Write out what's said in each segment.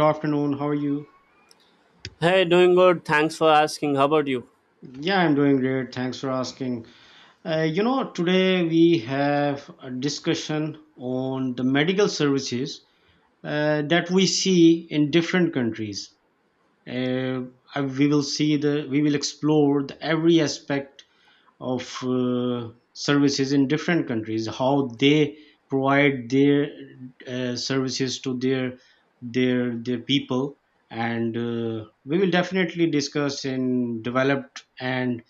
Good afternoon. How are you? Hey, doing good. Thanks for asking. How about you? Yeah, I'm doing great. Thanks for asking. Today we have a discussion on the medical services that we see in different countries. Uh, we will we will explore the every aspect of services in different countries, how they provide their services to their people, and we will definitely discuss in developed and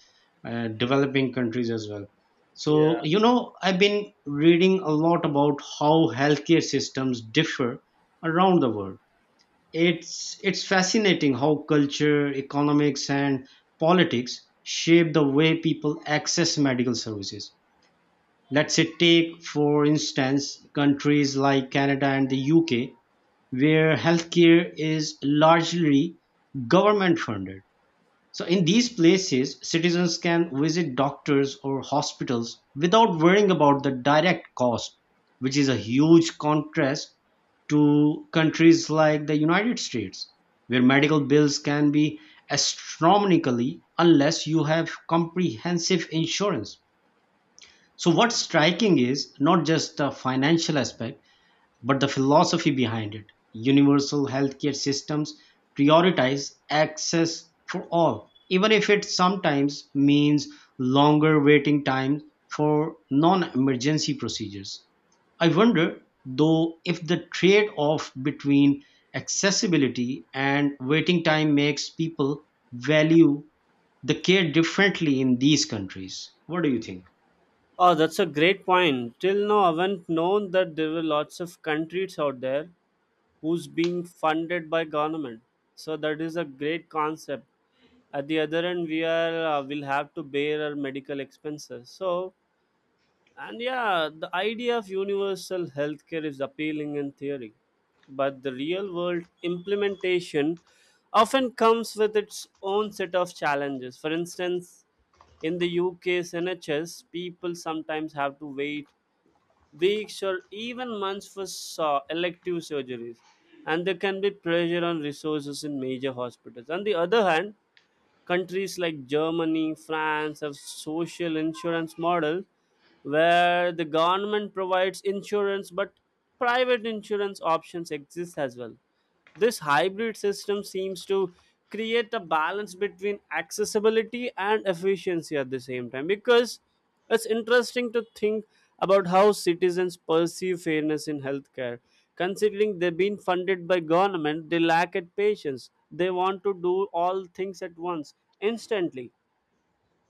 developing countries as well. Yeah. So I've been reading a lot about how healthcare systems differ around the world. It's fascinating how culture, economics, and politics shape the way people access medical services. Let's say, take for instance countries like Canada and the UK, where healthcare is largely government funded. So in these places, citizens can visit doctors or hospitals without worrying about the direct cost, which is a huge contrast to countries like the United States, where medical bills can be astronomically unless you have comprehensive insurance. So, what's striking is not just the financial aspect but the philosophy behind it. Universal healthcare systems prioritize access for all, even if it sometimes means longer waiting times for non emergency procedures. I wonder, though, if the trade off between accessibility and waiting time makes people value the care differently in these countries. What do you think? Oh, that's a great point. Till now, I haven't known that there were lots of countries out there who's being funded by government. So that is a great concept. At the other end, we are will have to bear our medical expenses. So and yeah, the idea of universal healthcare is appealing in theory, but the real world implementation often comes with its own set of challenges. For instance, in the UK's NHS, people sometimes have to wait weeks or even months for elective surgeries, and there can be pressure on resources in major hospitals. On the other hand, countries like Germany, France have social insurance models where the government provides insurance but private insurance options exist as well. This hybrid system seems to create a balance between accessibility and efficiency at the same time, because it's interesting to think about how citizens perceive fairness in healthcare. Considering they've been funded by government, they lack at patience. They want to do all things at once, instantly.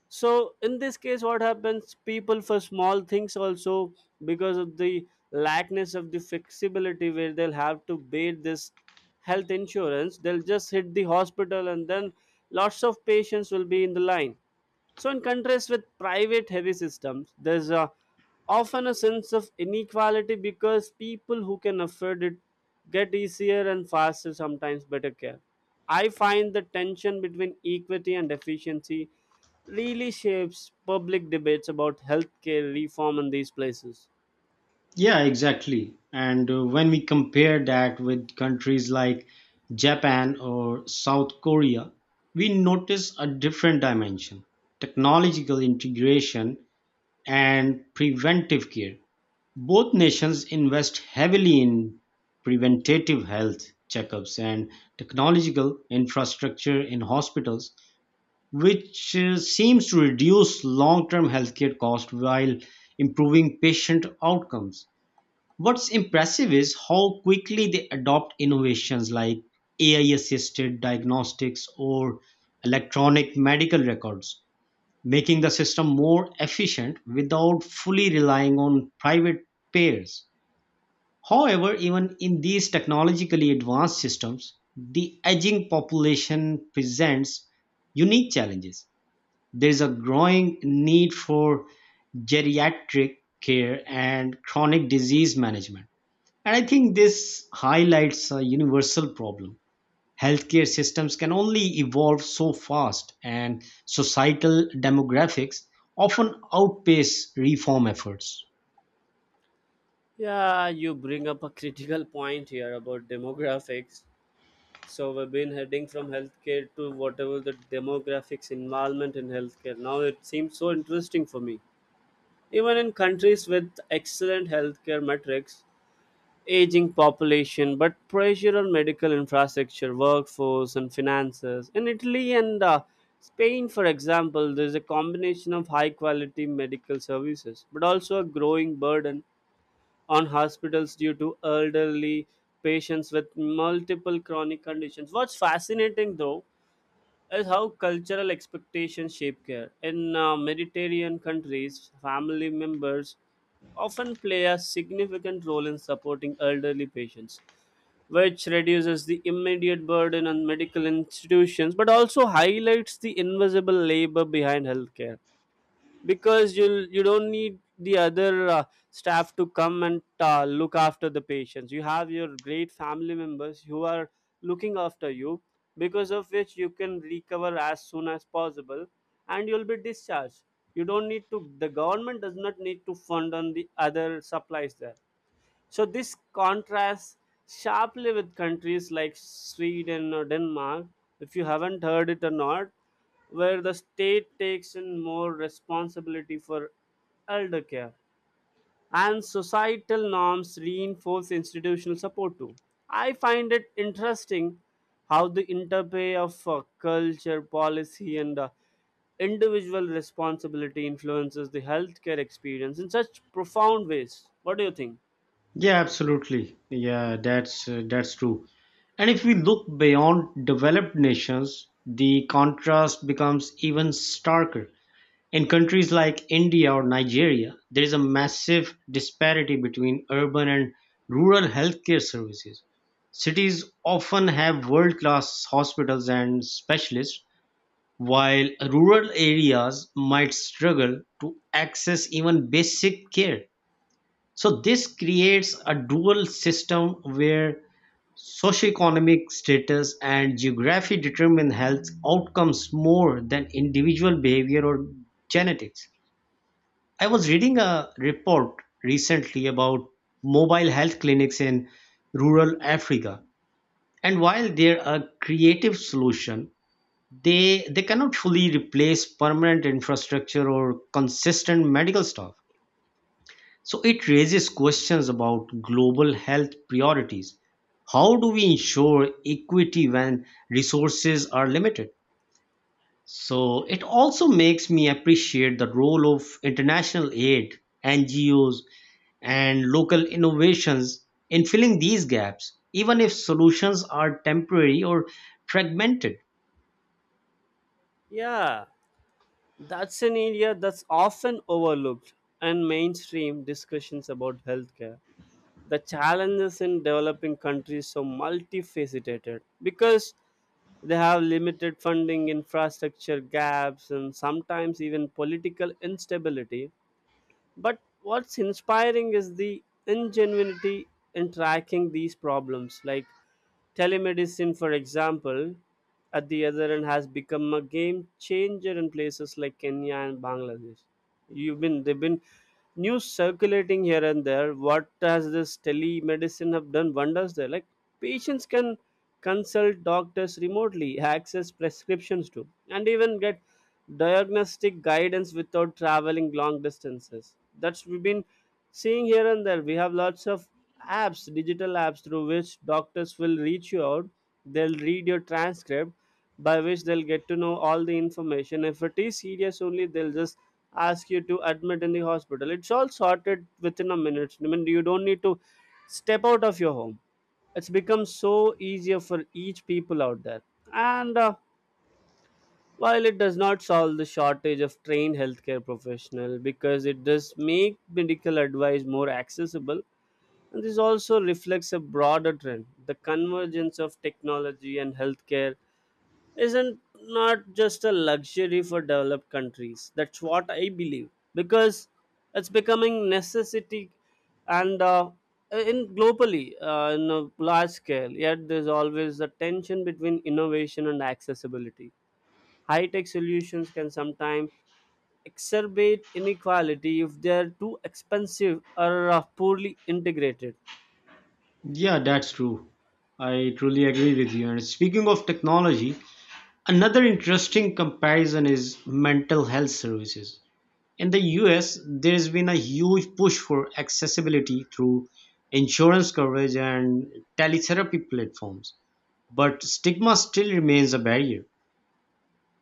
So in this case, what happens, people for small things also, because of the lackness of the flexibility where they'll have to pay this health insurance, they'll just hit the hospital, and then lots of patients will be in the line. So in contrast with private heavy systems, there's a often a sense of inequality because people who can afford it get easier and faster, sometimes better care. I find the tension between equity and efficiency really shapes public debates about healthcare reform in these places. Yeah, exactly. And when we compare that with countries like Japan or South Korea, we notice a different dimension: technological integration and preventive care. Both nations invest heavily in preventative health checkups and technological infrastructure in hospitals, which seems to reduce long term healthcare costs while improving patient outcomes. What's impressive is how quickly they adopt innovations like AI assisted diagnostics or electronic medical records, making the system more efficient without fully relying on private payers. However, even in these technologically advanced systems, the aging population presents unique challenges. There is a growing need for geriatric care and chronic disease management, and I think this highlights a universal problem. Healthcare systems can only evolve so fast, and societal demographics often outpace reform efforts. Yeah, you bring up a critical point here about demographics. So we've been heading from healthcare to whatever the demographics involvement in healthcare. Now it seems so interesting for me. Even in countries with excellent healthcare metrics, aging population, but pressure on medical infrastructure, workforce, and finances. In Italy and Spain, for example, there is a combination of high quality medical services, but also a growing burden on hospitals due to elderly patients with multiple chronic conditions. What's fascinating though is how cultural expectations shape care. In Mediterranean countries, family members often play a significant role in supporting elderly patients, which reduces the immediate burden on medical institutions but also highlights the invisible labor behind healthcare, because you don't need the other staff to come and look after the patients. You have your great family members who are looking after you, because of which you can recover as soon as possible and you'll be discharged. You don't need to, the government does not need to fund on the other supplies there. So this contrasts sharply with countries like Sweden or Denmark, if you haven't heard it or not, where the state takes in more responsibility for elder care and societal norms reinforce institutional support too. I find it interesting how the interplay of culture, policy, and individual responsibility influences the healthcare experience in such profound ways. What do you think? Yeah, absolutely. Yeah, that's true. And if we look beyond developed nations, the contrast becomes even starker. In countries like India or Nigeria, there is a massive disparity between urban and rural healthcare services. Cities often have world class hospitals and specialists, while rural areas might struggle to access even basic care. So, this creates a dual system where socioeconomic status and geography determine health outcomes more than individual behavior or genetics. I was reading a report recently about mobile health clinics in rural Africa. And while they're a creative solution, they cannot fully replace permanent infrastructure or consistent medical staff. So it raises questions about global health priorities. How do we ensure equity when resources are limited? So it also makes me appreciate the role of international aid, NGOs, and local innovations in filling these gaps, even if solutions are temporary or fragmented. Yeah, that's an area that's often overlooked in mainstream discussions about healthcare. The challenges in developing countries are multifaceted because they have limited funding, infrastructure gaps, and sometimes even political instability, but what's inspiring is the ingenuity in tracking these problems. Like telemedicine, for example, at the other end has become a game changer in places like Kenya and Bangladesh. You've been they've been news circulating here and there. What has this telemedicine have done wonders there? Like patients can consult doctors remotely, access prescriptions too, and even get diagnostic guidance without traveling long distances. That's we've been seeing here and there. We have lots of apps, digital apps through which doctors will reach you out. They'll read your transcript, by which they'll get to know all the information. If it is serious only, they'll just ask you to admit in the hospital. It's all sorted within a minute. I mean, you don't need to step out of your home. It's become so easier for each people out there. And While it does not solve the shortage of trained healthcare professionals, because it does make medical advice more accessible, and this also reflects a broader trend. The convergence of technology and healthcare isn't not just a luxury for developed countries. That's what I believe, because it's becoming necessity and in globally in a large scale. Yet there's always a tension between innovation and accessibility. High tech solutions can sometimes exacerbate inequality if they are too expensive or poorly integrated. Yeah, that's true. I truly agree with you. And speaking of technology, another interesting comparison is mental health services. In the US, there's been a huge push for accessibility through insurance coverage and teletherapy platforms, but stigma still remains a barrier.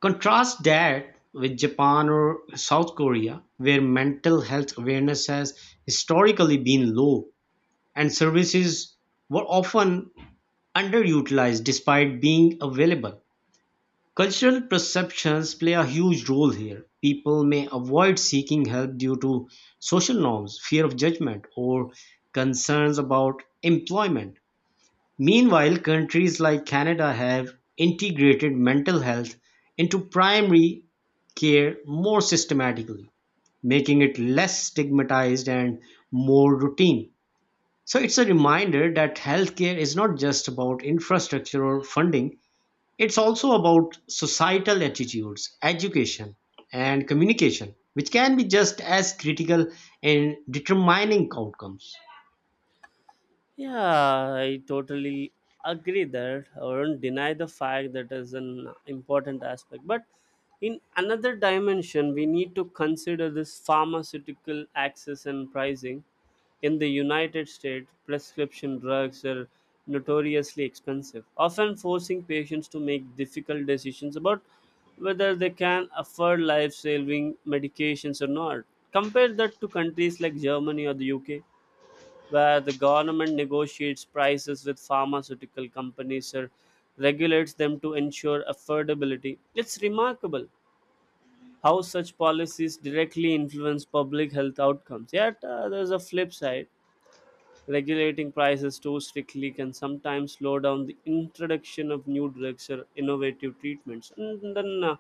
Contrast that with Japan or South Korea, where mental health awareness has historically been low and services were often underutilized despite being available. Cultural perceptions play a huge role here. People may avoid seeking help due to social norms, fear of judgment, or concerns about employment. Meanwhile, countries like Canada have integrated mental health into primary care more systematically, making it less stigmatized and more routine. So it's a reminder that healthcare is not just about infrastructure or funding, it's also about societal attitudes, education, and communication, which can be just as critical in determining outcomes. Yeah, I totally agree that I won't deny the fact that is an important aspect. But in another dimension, we need to consider this pharmaceutical access and pricing. In the United States, prescription drugs are notoriously expensive, often forcing patients to make difficult decisions about whether they can afford life saving medications or not. Compare that to countries like Germany or the UK where the government negotiates prices with pharmaceutical companies or regulates them to ensure affordability. It's remarkable how such policies directly influence public health outcomes. Yet, there's a flip side. Regulating prices too strictly can sometimes slow down the introduction of new drugs or innovative treatments. And then,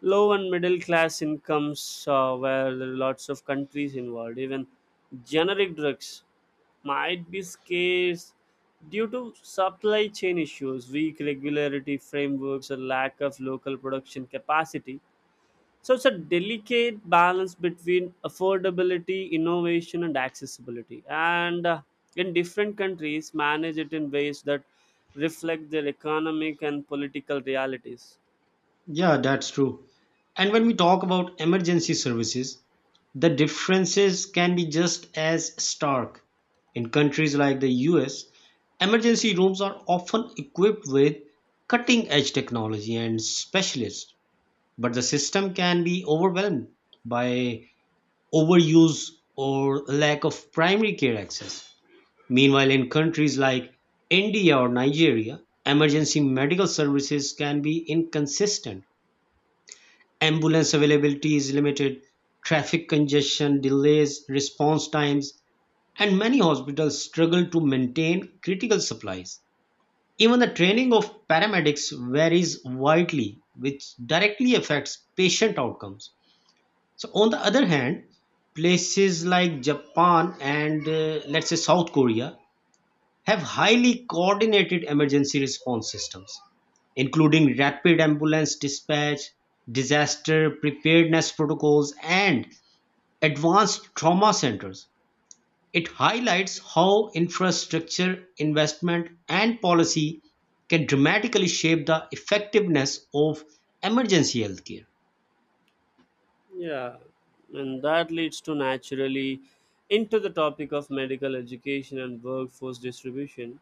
low and middle class incomes, where there are lots of countries involved, even generic drugs might be scarce due to supply chain issues, weak regularity frameworks, or lack of local production capacity. So it's a delicate balance between affordability, innovation, and accessibility. And in different countries, manage it in ways that reflect their economic and political realities. Yeah, that's true. And when we talk about emergency services, the differences can be just as stark. In countries like the US, emergency rooms are often equipped with cutting edge technology and specialists, but the system can be overwhelmed by overuse or lack of primary care access. Meanwhile, in countries like India or Nigeria, emergency medical services can be inconsistent. Ambulance availability is limited, traffic congestion delays response times, and many hospitals struggle to maintain critical supplies. Even the training of paramedics varies widely, which directly affects patient outcomes. So, on the other hand, places like Japan and let's say South Korea have highly coordinated emergency response systems, including rapid ambulance dispatch, disaster preparedness protocols, and advanced trauma centers. It highlights how infrastructure investment and policy can dramatically shape the effectiveness of emergency healthcare. Yeah, and that leads to naturally into the topic of medical education and workforce distribution.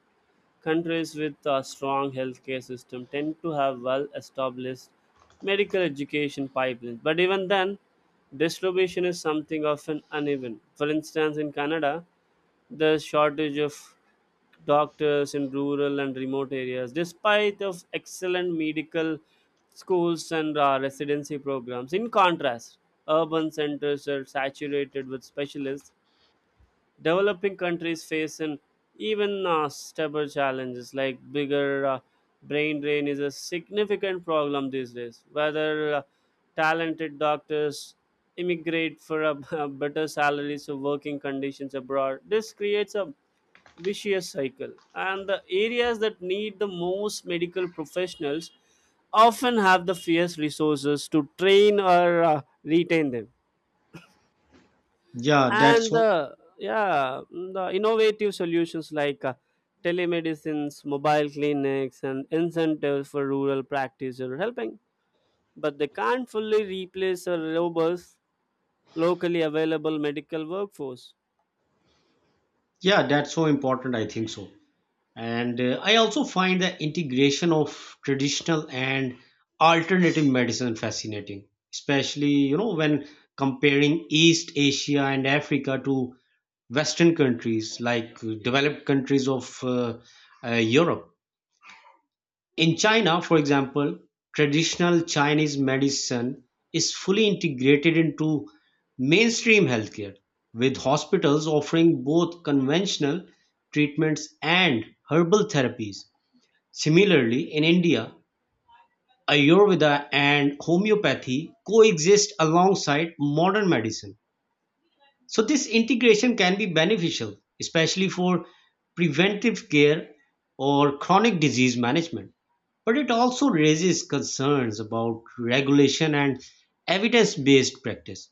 Countries with a strong healthcare system tend to have well established medical education pipelines. But even then, distribution is something often uneven. For instance, in Canada, the shortage of doctors in rural and remote areas, despite of excellent medical schools and residency programs. In contrast, urban centers are saturated with specialists. Developing countries face an even stubborn challenges like bigger brain drain is a significant problem these days. Whether talented doctors immigrate for a, a better salaries or working conditions abroad, this creates a vicious cycle. And the areas that need the most medical professionals often have the fierce resources to train or retain them. Yeah, that's And so. The innovative solutions like telemedicines, mobile clinics, and incentives for rural practice are helping, but they can't fully replace a robust locally available medical workforce. Yeah, that's so important. I think so. And I also find the integration of traditional and alternative medicine fascinating, especially when comparing East Asia and Africa to Western countries like developed countries of Europe. In China, for example, traditional Chinese medicine is fully integrated into mainstream healthcare, with hospitals offering both conventional treatments and herbal therapies. Similarly, in India, Ayurveda and homeopathy coexist alongside modern medicine. So, this integration can be beneficial, especially for preventive care or chronic disease management. But it also raises concerns about regulation and evidence based practice.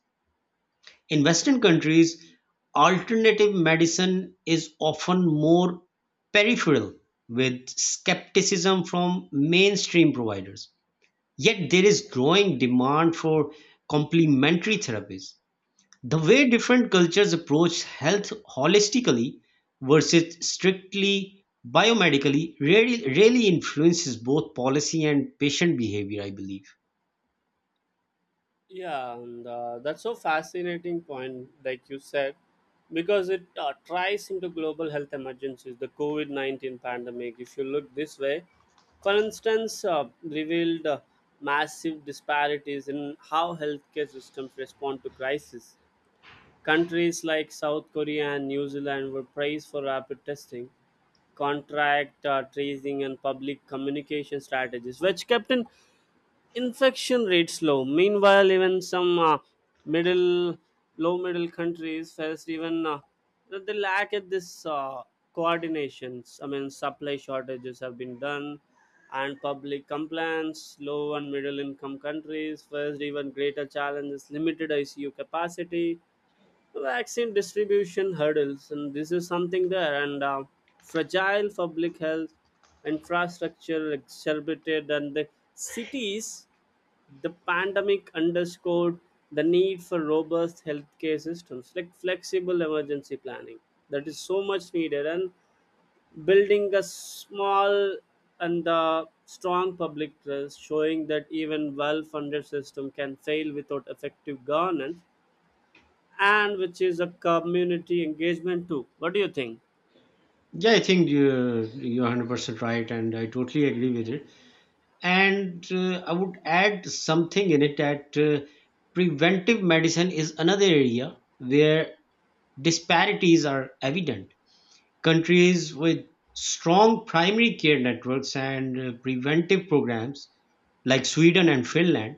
In Western countries, alternative medicine is often more peripheral, with skepticism from mainstream providers. Yet there is growing demand for complementary therapies. The way different cultures approach health holistically versus strictly biomedically really, really influences both policy and patient behavior, I believe. Yeah, and That's so fascinating point, like you said, because it ties into global health emergencies, the COVID 19 pandemic. If you look this way, for instance, revealed massive disparities in how healthcare systems respond to crisis. Countries like South Korea and New Zealand were praised for rapid testing, contract tracing, and public communication strategies, which kept in infection rates low. Meanwhile, even some middle, low middle countries face even the lack of this coordinations. I mean, supply shortages have been done, and public complaints. Low and middle income countries face even greater challenges. Limited ICU capacity, vaccine distribution hurdles, and this is something there. And Fragile public health infrastructure exacerbated, and the cities the pandemic underscored the need for robust healthcare systems, like flexible emergency planning, that is so much needed, and building a small and strong public trust, showing that even well-funded system can fail without effective governance, and which is a community engagement too. What do you think? Yeah, I think you're 100% right, and I totally agree with it. And I would add something in it that preventive medicine is another area where disparities are evident. Countries with strong primary care networks and preventive programs, like Sweden and Finland,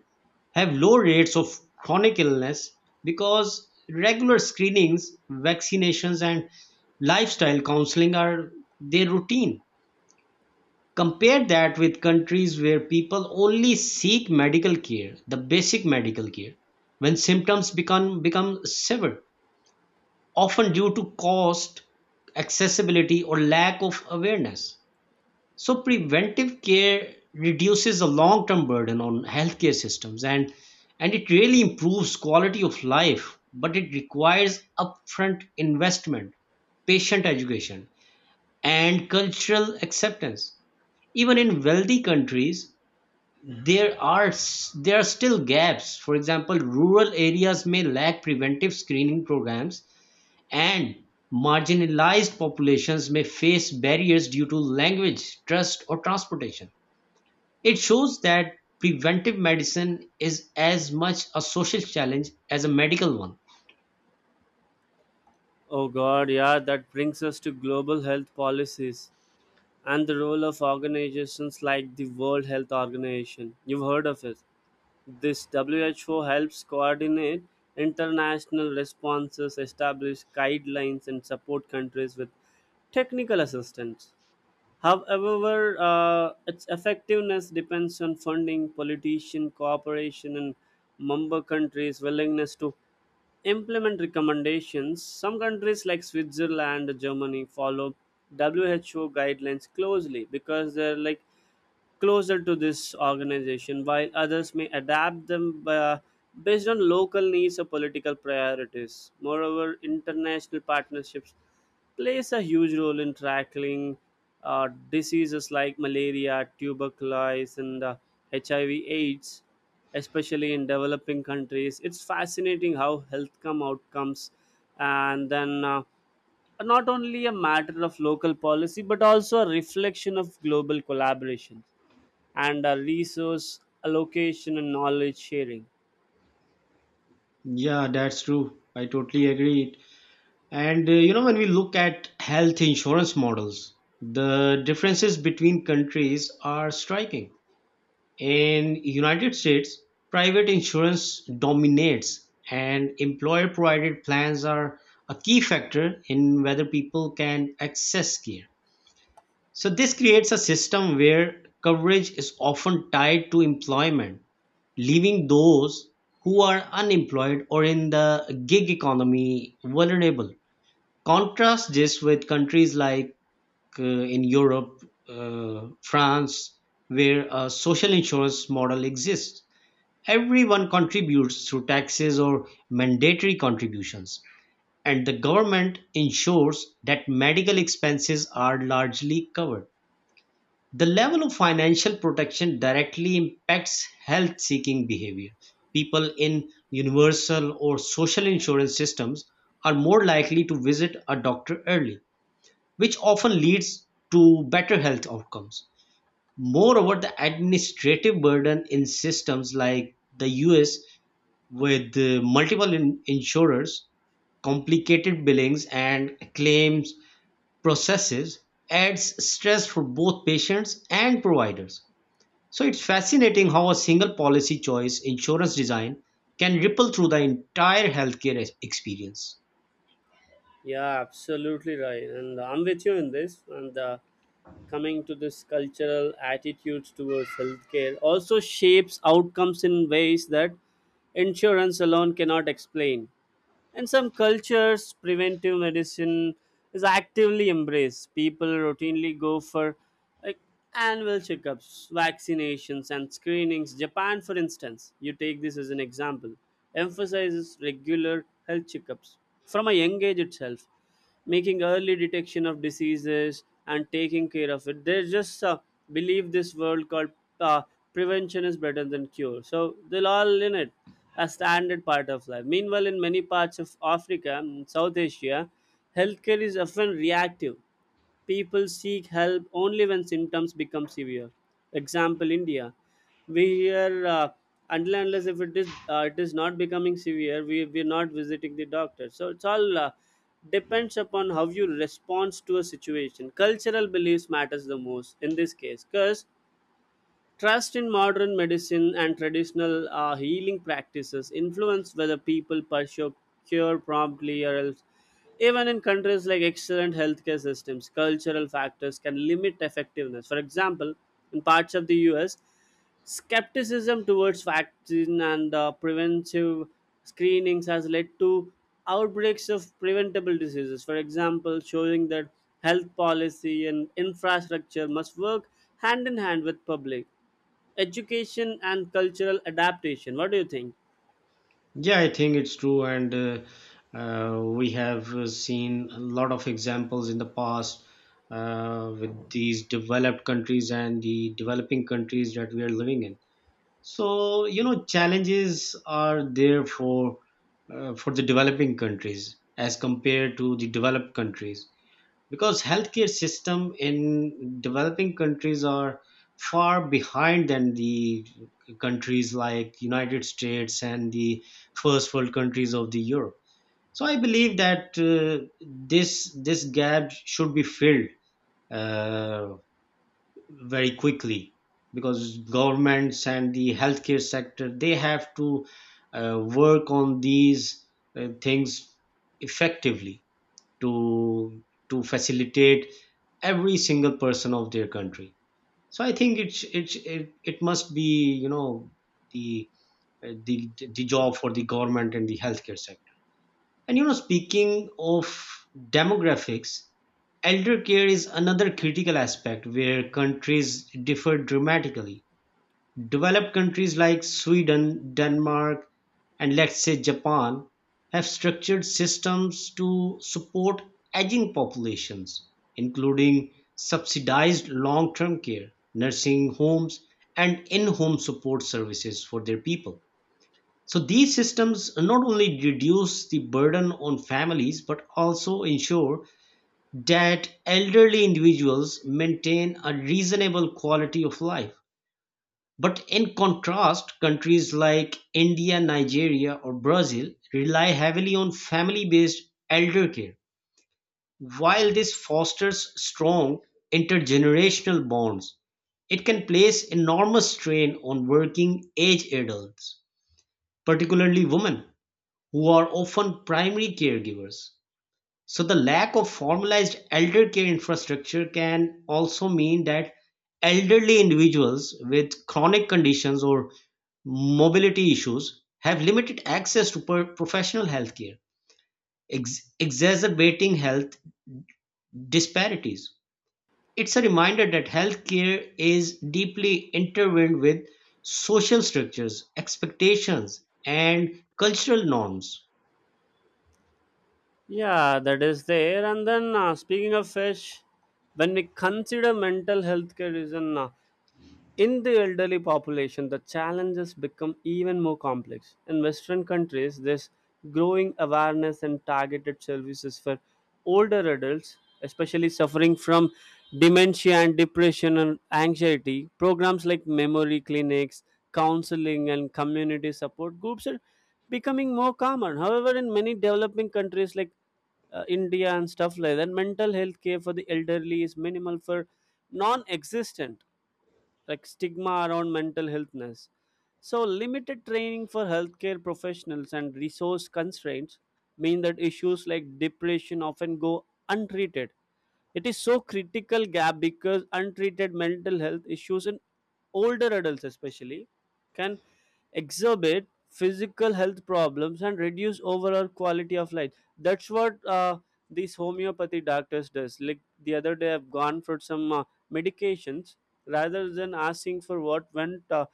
have low rates of chronic illness because regular screenings, vaccinations, and lifestyle counseling are their routine. Compare that with countries where people only seek medical care, the basic medical care, when symptoms become severe, often due to cost, accessibility, or lack of awareness. So preventive care reduces the long-term burden on healthcare systems, and it really improves quality of life, but it requires upfront investment, patient education, and cultural acceptance. Even in wealthy countries, there are still gaps. For example, rural areas may lack preventive screening programs, and marginalized populations may face barriers due to language, trust, or transportation. It shows that preventive medicine is as much a social challenge as a medical one. Oh God, yeah, that brings us to global health policies and the role of organizations like the World Health Organization. You've heard of it. This WHO helps coordinate international responses, establish guidelines, and support countries with technical assistance. However, its effectiveness depends on funding, politician cooperation, and member countries' willingness to implement recommendations. Some countries like Switzerland, Germany follow WHO guidelines closely because they're like closer to this organization, while others may adapt them by, based on local needs or political priorities. Moreover, international partnerships plays a huge role in tackling diseases like malaria, tuberculosis, and HIV/AIDS, especially in developing countries. It's fascinating how health come outcomes, and then. Are not only a matter of local policy but also a reflection of global collaboration and resource allocation and knowledge sharing. Yeah, that's true. I totally agree. And when we look at health insurance models, the differences between countries are striking. In United States, private insurance dominates, and employer-provided plans are a key factor in whether people can access care. So this creates a system where coverage is often tied to employment, leaving those who are unemployed or in the gig economy vulnerable. Contrast this with countries like in Europe, France, where a social insurance model exists. Everyone contributes through taxes or mandatory contributions, and the government ensures that medical expenses are largely covered. The level of financial protection directly impacts health seeking behavior. People in universal or social insurance systems are more likely to visit a doctor early, which often leads to better health outcomes. Moreover, the administrative burden in systems like the US, with insurers, complicated billings, and claims processes, adds stress for both patients and providers. So it's fascinating how a single policy choice, insurance design, can ripple through the entire healthcare experience. Yeah, absolutely right. And I'm with you in this. And Coming to this cultural attitudes towards healthcare also shapes outcomes in ways that insurance alone cannot explain. In some cultures, preventive medicine is actively embraced. People routinely go for like annual checkups, vaccinations, and screenings. Japan, for instance, you take this as an example, emphasizes regular health checkups from a young age itself, making early detection of diseases and taking care of it. They just believe this world called uh, prevention is better than cure. So they'll all in it a standard part of life. Meanwhile, in many parts of Africa and South Asia, healthcare is often reactive. People seek help only when symptoms become severe. Example India. We here until and unless if it is it is not becoming severe, we are not visiting the doctor. So it's all depends upon how you respond to a situation. Cultural beliefs matters the most in this case, because trust in modern medicine and traditional healing practices influence whether people pursue cure promptly or else. Even in countries like excellent healthcare systems, cultural factors can limit effectiveness. For example, in parts of the US, skepticism towards vaccine and preventive screenings has led to outbreaks of preventable diseases. For example, showing that health policy and infrastructure must work hand in hand with public education and cultural adaptation. What do you think? Yeah, I think it's true, and we have seen a lot of examples in the past with these developed countries and the developing countries that we are living in. So, you know, challenges are there for the developing countries as compared to the developed countries, because healthcare system in developing countries are far behind than the countries like United States and the first world countries of the Europe. So I believe that this gap should be filled uh, very quickly, because governments and the healthcare sector, they have to uh, work on these things effectively to facilitate every single person of their country. So I think it must be, you know, the uh, the the job for the government and the healthcare sector. And you know, speaking of demographics, elder care is another critical aspect where countries differ dramatically. Developed countries like Sweden, Denmark, and let's say Japan have structured systems to support aging populations, including subsidized long term care, nursing homes, and in home support services for their people. So these systems not only reduce the burden on families but also ensure that elderly individuals maintain a reasonable quality of life. But in contrast, countries like India, Nigeria, or Brazil rely heavily on family based elder care. While this fosters strong intergenerational bonds, it can place enormous strain on working age adults, particularly women, who are often primary caregivers. So the lack of formalized elder care infrastructure can also mean that elderly individuals with chronic conditions or mobility issues have limited access to professional healthcare, exacerbating health disparities. It's a reminder that healthcare is deeply intertwined with social structures, expectations, and cultural norms. Yeah, that is there. And then, speaking of fish, when we consider mental health care is an in the elderly population, the challenges become even more complex. In Western countries, there's growing awareness and targeted services for older adults, especially suffering from dementia and depression and anxiety. Programs like memory clinics, counseling, and community support groups are becoming more common. However, in many developing countries like India and stuff like that, mental health care for the elderly is minimal for non existent, like stigma around mental healthness. So, limited training for healthcare professionals and resource constraints mean that issues like depression often go untreated. It is so critical gap because untreated mental health issues in older adults, especially, can exacerbate physical health problems and reduce overall quality of life. That's what these homeopathy doctors does. Like the other day, I've gone for some medications, rather than asking for what went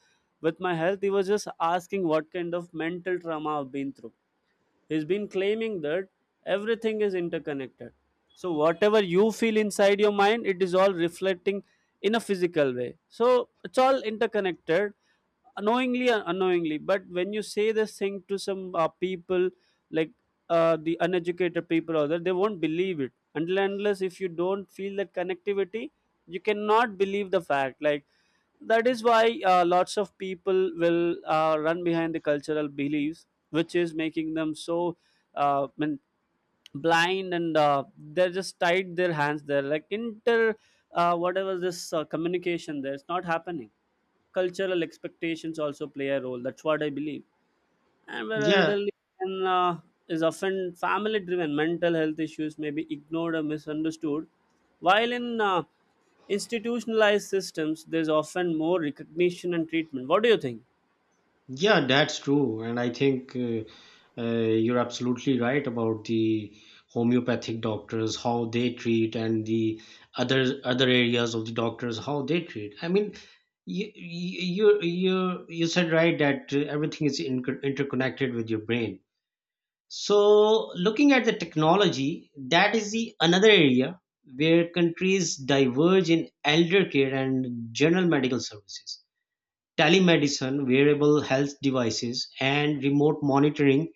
with my health, he was just asking what kind of mental trauma I've been through. He's been claiming that everything is interconnected. So whatever you feel inside your mind, it is all reflecting in a physical way. So it's all interconnected, knowingly or unknowingly. But when you say this thing to some people, like the uneducated people, or that they won't believe it until and unless if you don't feel that connectivity, you cannot believe the fact. Like that is why lots of people will run behind the cultural beliefs, which is making them so mean blind, and they're just tied their hands there like inter whatever this communication there, it's not happening. Cultural expectations also play a role. That's what I believe. And where Yeah. elderly and, is often family driven, mental health issues may be ignored or misunderstood. While in institutionalized systems, there's often more recognition and treatment. What do you think? Yeah, that's true. And I think uh, you're absolutely right about the homeopathic doctors, how they treat, and the other areas of the doctors, how they treat. I mean, you said right that everything is interconnected with your brain. So, looking at the technology, that is the another area where countries diverge in elder care and general medical services. Telemedicine, wearable health devices, and remote monitoring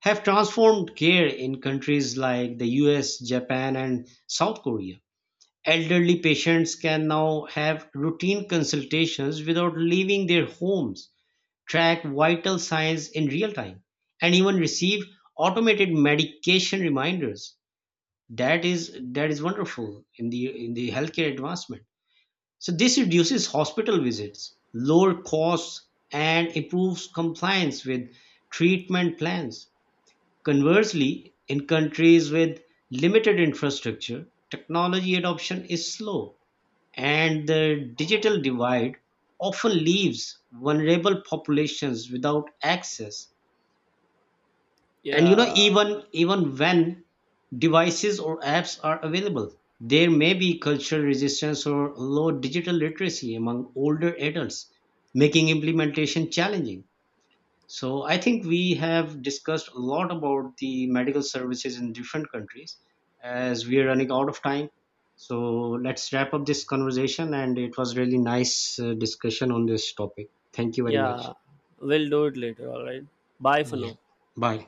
have transformed care in countries like the US, Japan, and South Korea. Elderly patients can now have routine consultations without leaving their homes, track vital signs in real time, and even receive automated medication reminders. That is wonderful in the healthcare advancement. So this reduces hospital visits, lower costs, and improves compliance with treatment plans. Conversely, in countries with limited infrastructure, technology adoption is slow, and the digital divide often leaves vulnerable populations without access. And you know, Yeah, even even when devices or apps are available, there may be cultural resistance or low digital literacy among older adults, making implementation challenging. So I think we have discussed a lot about the medical services in different countries. As we are running out of time, so let's wrap up this conversation. And it was really nice discussion on this topic. Thank you very much. yeah, we'll do it later. All right. Bye for Yeah, now. bye.